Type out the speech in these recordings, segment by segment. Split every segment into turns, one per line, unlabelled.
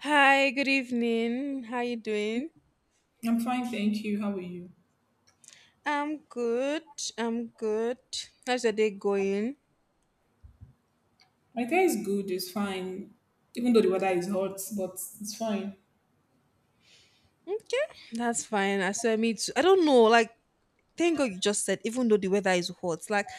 Hi, good evening. How you doing?
I'm fine, thank you. How are you?
I'm good. I'm good. How's your day going?
My day is good, it's fine. Even though the weather is hot, but it's fine.
Okay, that's fine. I said me too. I don't know. Like, thank God you just said. Even though the weather is hot, like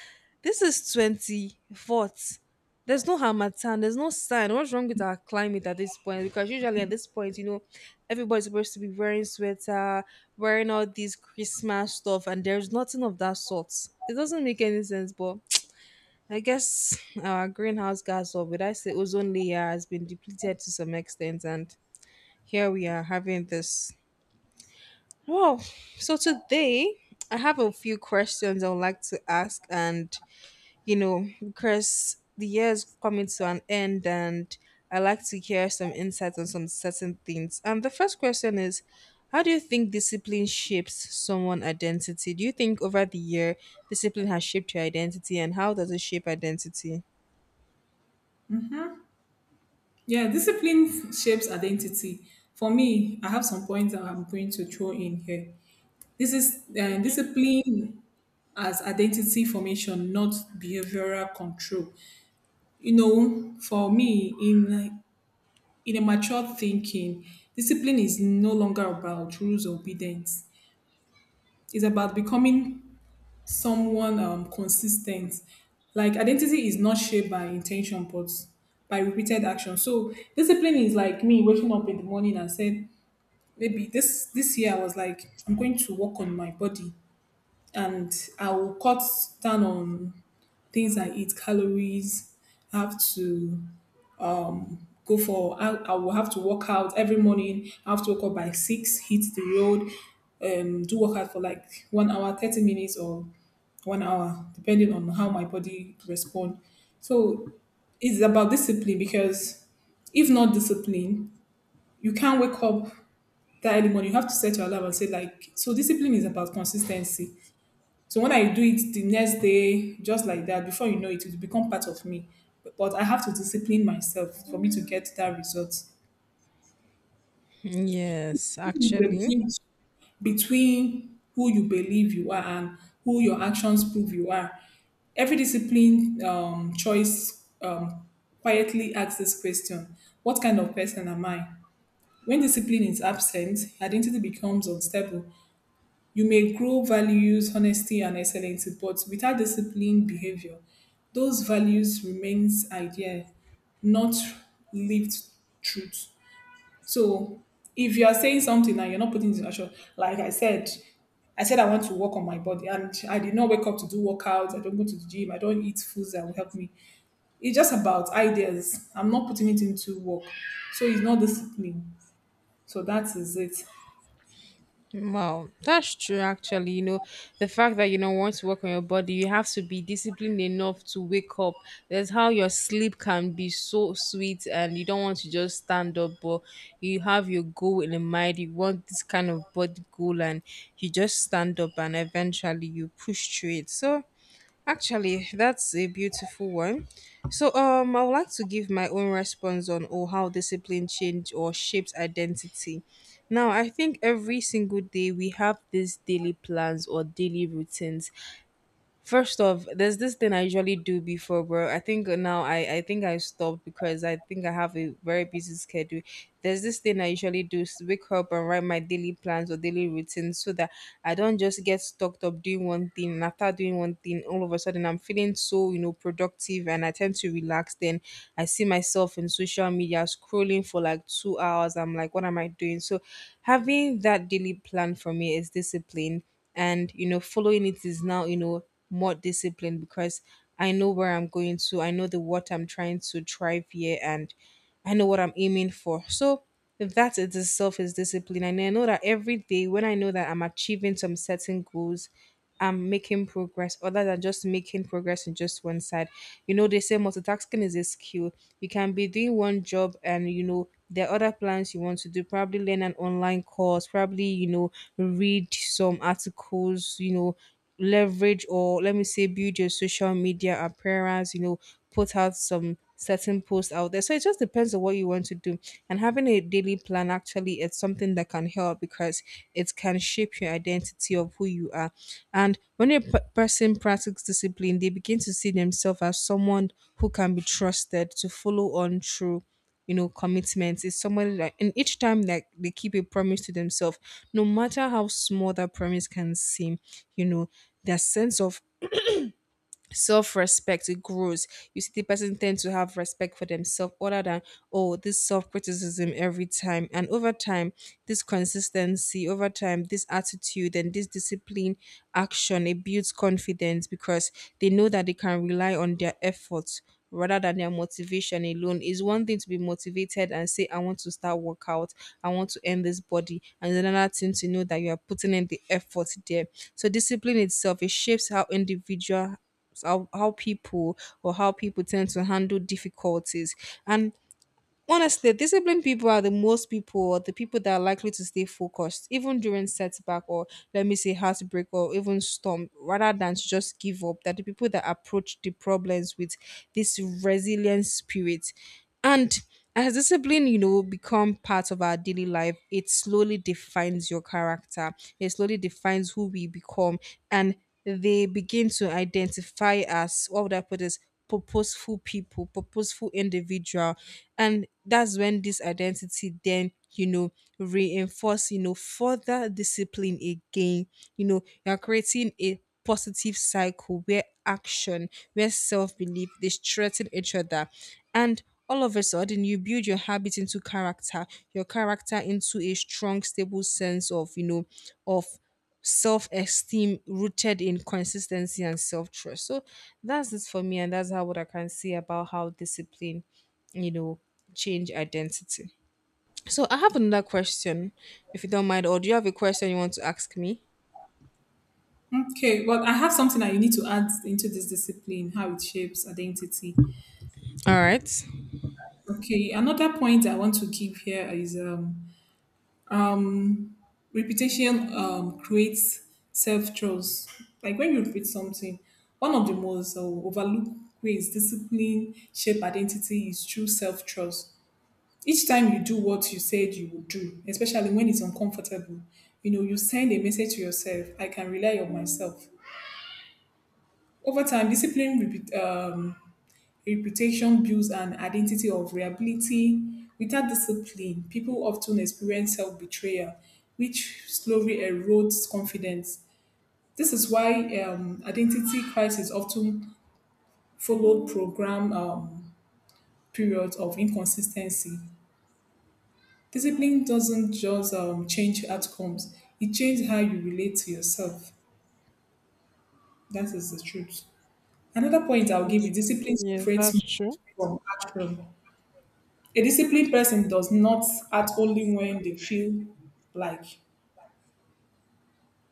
this is 24th. There's no hamatan. There's no sign. What's wrong with our climate at this point? Because usually at this point, everybody's supposed to be wearing sweater, wearing all these Christmas stuff, and there's nothing of that sort. It doesn't make any sense, but I guess our greenhouse gas, or would I say ozone layer, has been depleted to some extent, and here we are having this. Wow. So today, I have a few questions I would like to ask, and because the year is coming to an end, and I like to hear some insights on some certain things. And the first question is: how do you think discipline shapes someone' identity? Do you think over the year discipline has shaped your identity, and how does it shape identity?
Yeah, discipline shapes identity. For me, I have some points that I'm going to throw in here. This is discipline as identity formation, not behavioral control. You know, for me, in a mature thinking, discipline is no longer about rules or obedience. It's about becoming someone consistent. Like identity is not shaped by intention, but by repeated action. So discipline is like me waking up in the morning and said, maybe this year I was like, I'm going to work on my body and I will cut down on things I eat, calories. I have to go for. I will have to work out every morning. I have to wake up by 6, hit the road, do workout for like 1 hour, 30 minutes, or 1 hour, depending on how my body respond. So it's about discipline because if not discipline, you can't wake up that early morning. You have to set your alarm and say like, so discipline is about consistency. So when I do it the next day, just like that, before you know it, it will become part of me. But I have to discipline myself for me to get that result. It's
Yes,
a big
actually.
between who you believe you are and who your actions prove you are. Every discipline choice quietly asks this question. What kind of person am I? When discipline is absent, identity becomes unstable. You may grow values, honesty, and excellence, but without disciplined behavior, those values remains idea, not lived truth. So if you are saying something and you're not putting it in action, like I said, I said I want to work on my body and I did not wake up to do workouts. I don't go to the gym. I don't eat foods that will help me. It's just about ideas. I'm not putting it into work. So it's not discipline. So that is it.
Wow, that's true. Actually, you know, the fact that you don't want to work on your body, you have to be disciplined enough to wake up. That's how your sleep can be so sweet, and you don't want to just stand up, but you have your goal in mind. You want this kind of body goal, and you just stand up, and eventually you push through it. So actually, that's a beautiful one. So, I would like to give my own response on or how discipline change or shapes identity. Now, I think every single day we have these daily plans or daily routines. First off, there's this thing I usually do before, bro. I think now I think I stopped because I think I have a very busy schedule. There's this thing I usually do is wake up and write my daily plans or daily routines so that I don't just get stuck up doing one thing, and after doing one thing all of a sudden I'm feeling so, you know, productive and I tend to relax. Then I see myself in social media scrolling for like 2 hours. I'm like, what am I doing? So having that daily plan for me is discipline, and you know following it is now, you know, more disciplined because I know where I'm going to, I know the what I'm trying to thrive here, and I know what I'm aiming for. So that it itself is discipline. And I know that every day when I know that I'm achieving some certain goals, I'm making progress other than just making progress in just one side. You know, they say multitasking is a skill. You can be doing one job and you know there are other plans you want to do, probably learn an online course, probably, you know, read some articles, you know, leverage, or let me say build your social media appearance, you know, put out some certain posts out there. So it just depends on what you want to do, and having a daily plan actually it's something that can help, because it can shape your identity of who you are. And when a person practices discipline, they begin to see themselves as someone who can be trusted to follow on through, you know, commitment. It's somebody that, and each time like they keep a promise to themselves, no matter how small that promise can seem, you know, their sense of self-respect it grows. You see the person tend to have respect for themselves other than oh this self-criticism every time. And over time, this consistency over time, this attitude and this discipline action, it builds confidence because they know that they can rely on their efforts rather than their motivation alone. Is one thing to be motivated and say I want to start workout, I want to end this body, and it's another thing to know that you are putting in the effort there. So discipline itself it shapes how individual, how people, or how people tend to handle difficulties. And honestly, disciplined people are the most people, or the people that are likely to stay focused even during setback, or let me say heartbreak, or even storm rather than to just give up. That the people that approach the problems with this resilient spirit. And as discipline, you know, become part of our daily life, it slowly defines your character. It slowly defines who we become. And they begin to identify as, what would I put this, purposeful people, purposeful individual, and that's when this identity then, you know, reinforce, you know, further discipline again. You know, you're creating a positive cycle where action, where self belief they strengthen each other, and all of a sudden you build your habit into character, your character into a strong, stable sense of, you know, of self-esteem rooted in consistency and self-trust. So that's it for me, and that's how what I can say about how discipline, you know, change identity. So I have another question, if you don't mind, or do you have a question you want to ask me?
Okay, but I have something that you need to add into this discipline, how it shapes identity.
All right.
Okay, another point I want to give here is um Repetition creates self trust. Like when you repeat something, one of the most overlooked ways discipline shape identity is through self trust. Each time you do what you said you would do, especially when it's uncomfortable, you know you send a message to yourself: I can rely on myself. Over time, reputation builds an identity of reliability. Without discipline, people often experience self betrayal, which slowly erodes confidence. This is why identity crisis often followed program periods of inconsistency. Discipline doesn't just change outcomes; it changes how you relate to yourself. That is the truth. Another point I'll give you:
Ye-
discipline
Yes,
separates
that's
mood
true.
from action. A disciplined person does not act only when they feel like.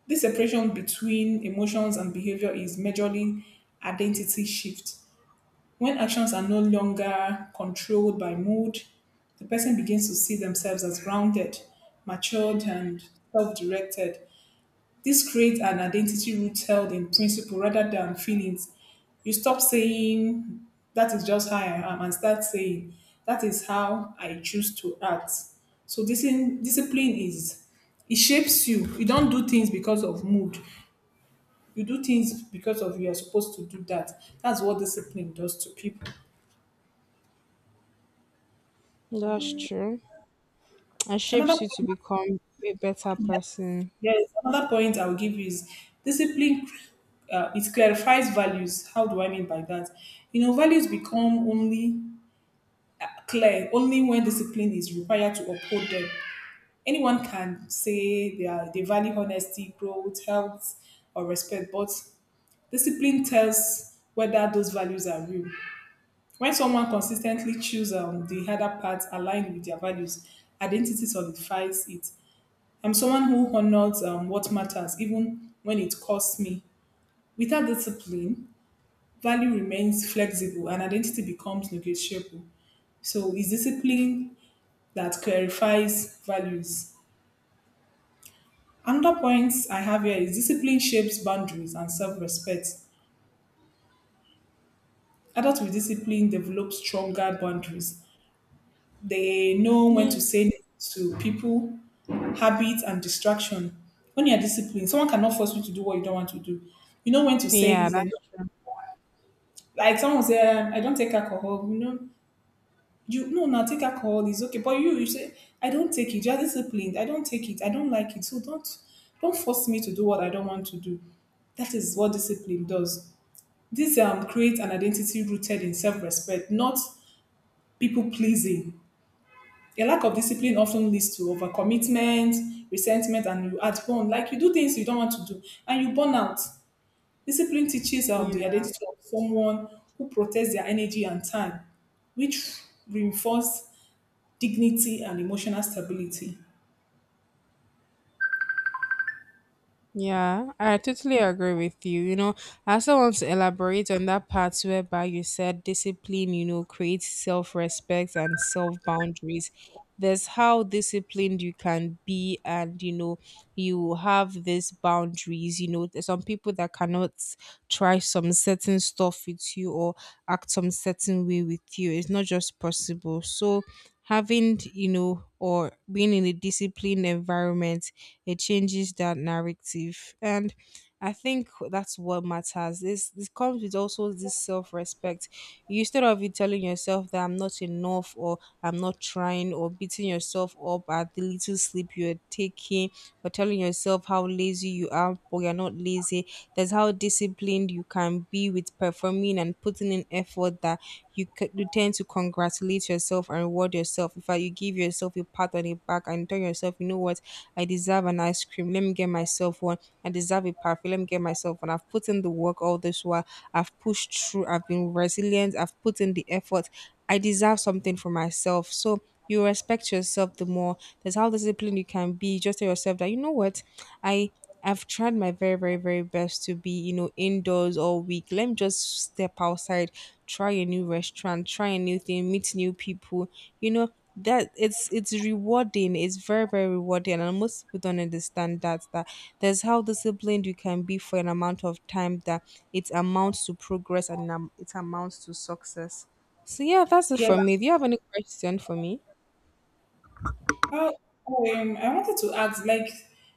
This separation between emotions and behavior is majorly identity shift. When actions are no longer controlled by mood, the person begins to see themselves as grounded, matured, and self directed. This creates an identity rooted in principle rather than feelings. You stop saying, that is just how I am, and start saying, that is how I choose to act. So, discipline is, it shapes you. You don't do things because of mood, you do things because of you are supposed to do that. That's what discipline does to people.
That's true. It
Another
shapes you to
point,
become a better person.
yes, another point I will give you is discipline. It clarifies values. How do I mean by that? You know, values become only clear only when discipline is required to uphold them. Anyone can say they value honesty, growth, health, or respect, but discipline tells whether those values are real. When someone consistently chooses the harder path aligned with their values, identity solidifies it. I'm someone who honors what matters, even when it costs me. Without discipline, value remains flexible and identity becomes negotiable. So, it's discipline that clarifies values. Another point I have here is discipline shapes boundaries and self respect. Adults with discipline develop stronger boundaries. They know when to
Yeah.
say no to people, habits, and distraction. When you are disciplined, someone cannot force you to do what you don't want to do. You know when to say
Yeah,
is
that's
enough.
true.
Like someone say, I don't take alcohol. You know, you no, now take alcohol is okay. But you say, I don't take it. You're disciplined. I don't take it. I don't like it. So don't force me to do what I don't want to do. That is what discipline does. This creates an identity rooted in self-respect, not people pleasing. A lack of discipline often leads to overcommitment, resentment, and you add on. Like you do things you don't want to do, and you burn out. Discipline teaches the
Yeah.
identity of someone who protects their energy and time, which reinforce dignity and emotional stability.
Yeah, I totally agree with you. You know, I also want to elaborate on that part whereby you said discipline, you know, creates self respect and self boundaries. There's how disciplined you can be, and you know, you have these boundaries. You know, there's some people that cannot try some certain stuff with you or act some certain way with you. It's not just possible. So having, you know, or being in a disciplined environment, it changes that narrative. And I think that's what matters. This comes with also this self-respect. Instead of you telling yourself that I'm not enough, or I'm not trying, or beating yourself up at the little sleep you're taking, or telling yourself how lazy you are, or you're not lazy, that's how disciplined you can be with performing and putting in effort that you, you tend to congratulate yourself and reward yourself. In fact, you give yourself a pat on the back and tell yourself, you know what, I deserve an ice cream. Let me get myself one. I deserve a perfume. Let me get myself one. I've put in the work all this while. I've pushed through. I've been resilient. I've put in the effort. I deserve something for myself. So you respect yourself the more. That's how disciplined you can be. Just tell yourself that you know what, I I've tried my very, very, very best to be, you know, indoors all week. Let me just step outside, try a new restaurant, try a new thing, meet new people. You know, that it's rewarding. It's very, very rewarding. And most people don't understand that that there's how disciplined you can be for an amount of time that it amounts to progress, and it amounts to success. So yeah, that's it for me.
Yes.
Do you have any question for me?
Uh, I wanted to ask, like,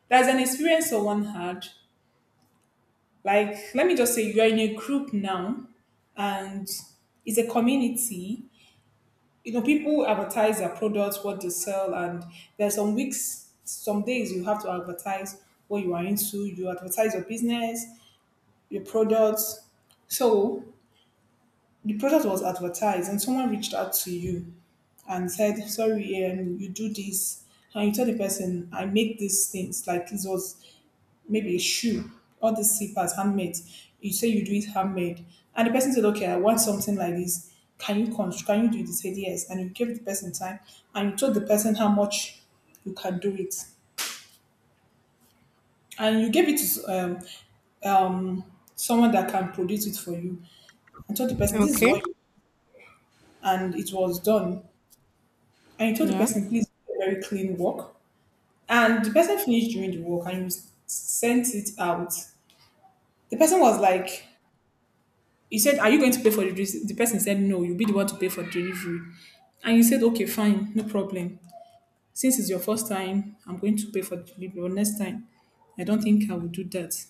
there's an experience on one had. Like, let me just say you're in a group now, and it's a community. You know, people advertise their products, what they sell, and there's some weeks, some days you have to advertise what you are into. You advertise your business, a product. So the product was advertised, and someone reached out to you and said, "Sorry, you do this." And you tell the person, "I make these things." Like this was maybe a shoe, all these slippers, handmade. You say you do it handmade, and the person said, "Okay, I want something like this. Can you do this?" Said yes, and you gave the person time, and you told the person how much you can do it. And you gave it to someone that can produce it for you and told the person, this is
Okay.
what and it was done. And he told the
Yeah.
person, please do a very clean work. And the person finished doing the work and he sent it out. The person was like, he said, are you going to pay for the delivery? The person said, no, you'll be the one to pay for the delivery. And he said, okay, fine, no problem. Since it's your first time, I'm going to pay for the delivery. But next time, I don't think I will do that.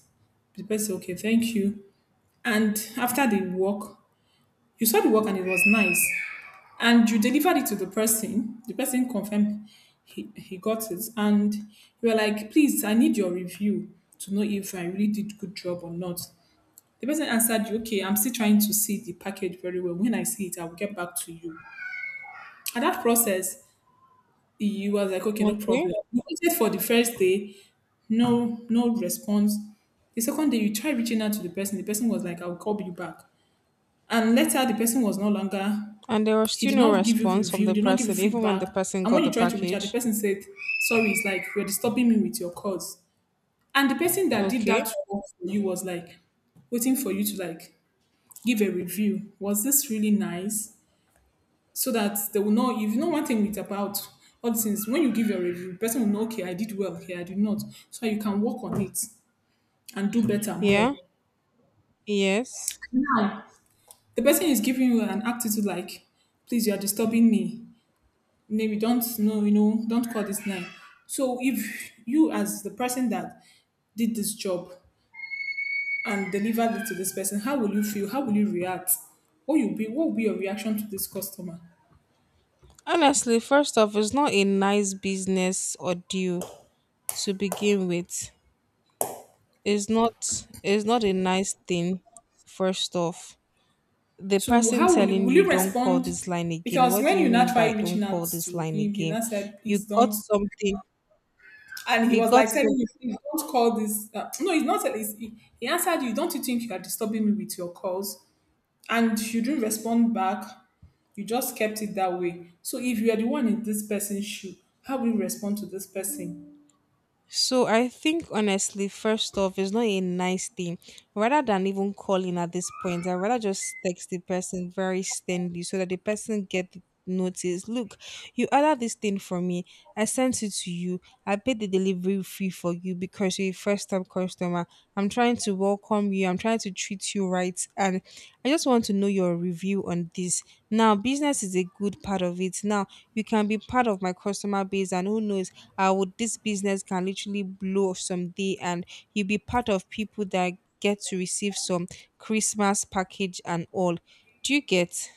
The person said, okay, thank you. And after the work, you saw the work and it was nice. And you delivered it to the person. The person confirmed he got it, and you were like, "Please, I need your review to know if I really did good job or not." The person answered you, "Okay, I'm still trying to see the package very well. When I see it, I will get back to you." At that process, you was like, "Okay, no
Okay.
problem." You waited for the first day, no, no response. The second day, you tried reaching out to the person. The person was like, "I'll call you back." And later, the person was no longer.
And there was
He
still
did
no
not give you
response from
review, he
the
did not give you
person, even when the
feedback.
person
And
got
when
the
you try to reach out, the
package.
person said, sorry, it's like you're disturbing me with your calls. And the person that did
Okay.
that work for you was like waiting for you to like give a review. Was this really nice? So that they will know if you know one thing with about all these things, when you give your review, the person will know, okay, I did well here, I did not. So you can work on
Mm.
it and do better
Yeah.
more.
Yes.
Now the person is giving you an attitude like, please, you are disturbing me. Maybe don't know, you know, don't call this line. So if you as the person that did this job and delivered it to this person, how will you feel? How will you react? What will be your reaction to this customer?
Honestly, first off, it's not a nice business or deal to begin with. It's not. It's not a nice thing. First off, the
So
person
how
telling
will
you
you
don't call
respond?
this line again.
Because
What do
when
you
you
mean
now try
by don't
reaching out
call this
to
line
him, he
again?
now said,
You
please
got
don't.
something.
And he
You
was
got
like
some.
telling you, please don't call this. No, he's not. He answered you, don't you think you are disturbing me with your calls? And you didn't respond back, you just kept it that way. So if you are the one in this person's shoe, how will you respond to this person?
So I think honestly, first off, it's not a nice thing. Rather than even calling at this point, I rather just text the person very sternly so that the person get the notice. Look, you ordered this thing for me. I sent it to you. I paid the delivery fee for you because you're a first time customer. I'm trying to welcome you. I'm trying to treat you right. And I just want to know your review on this. Now, business is a good part of it. Now, you can be part of my customer base, and who knows, with this business can literally blow someday and you'll be part of people that get to receive some Christmas package and all. Do you get?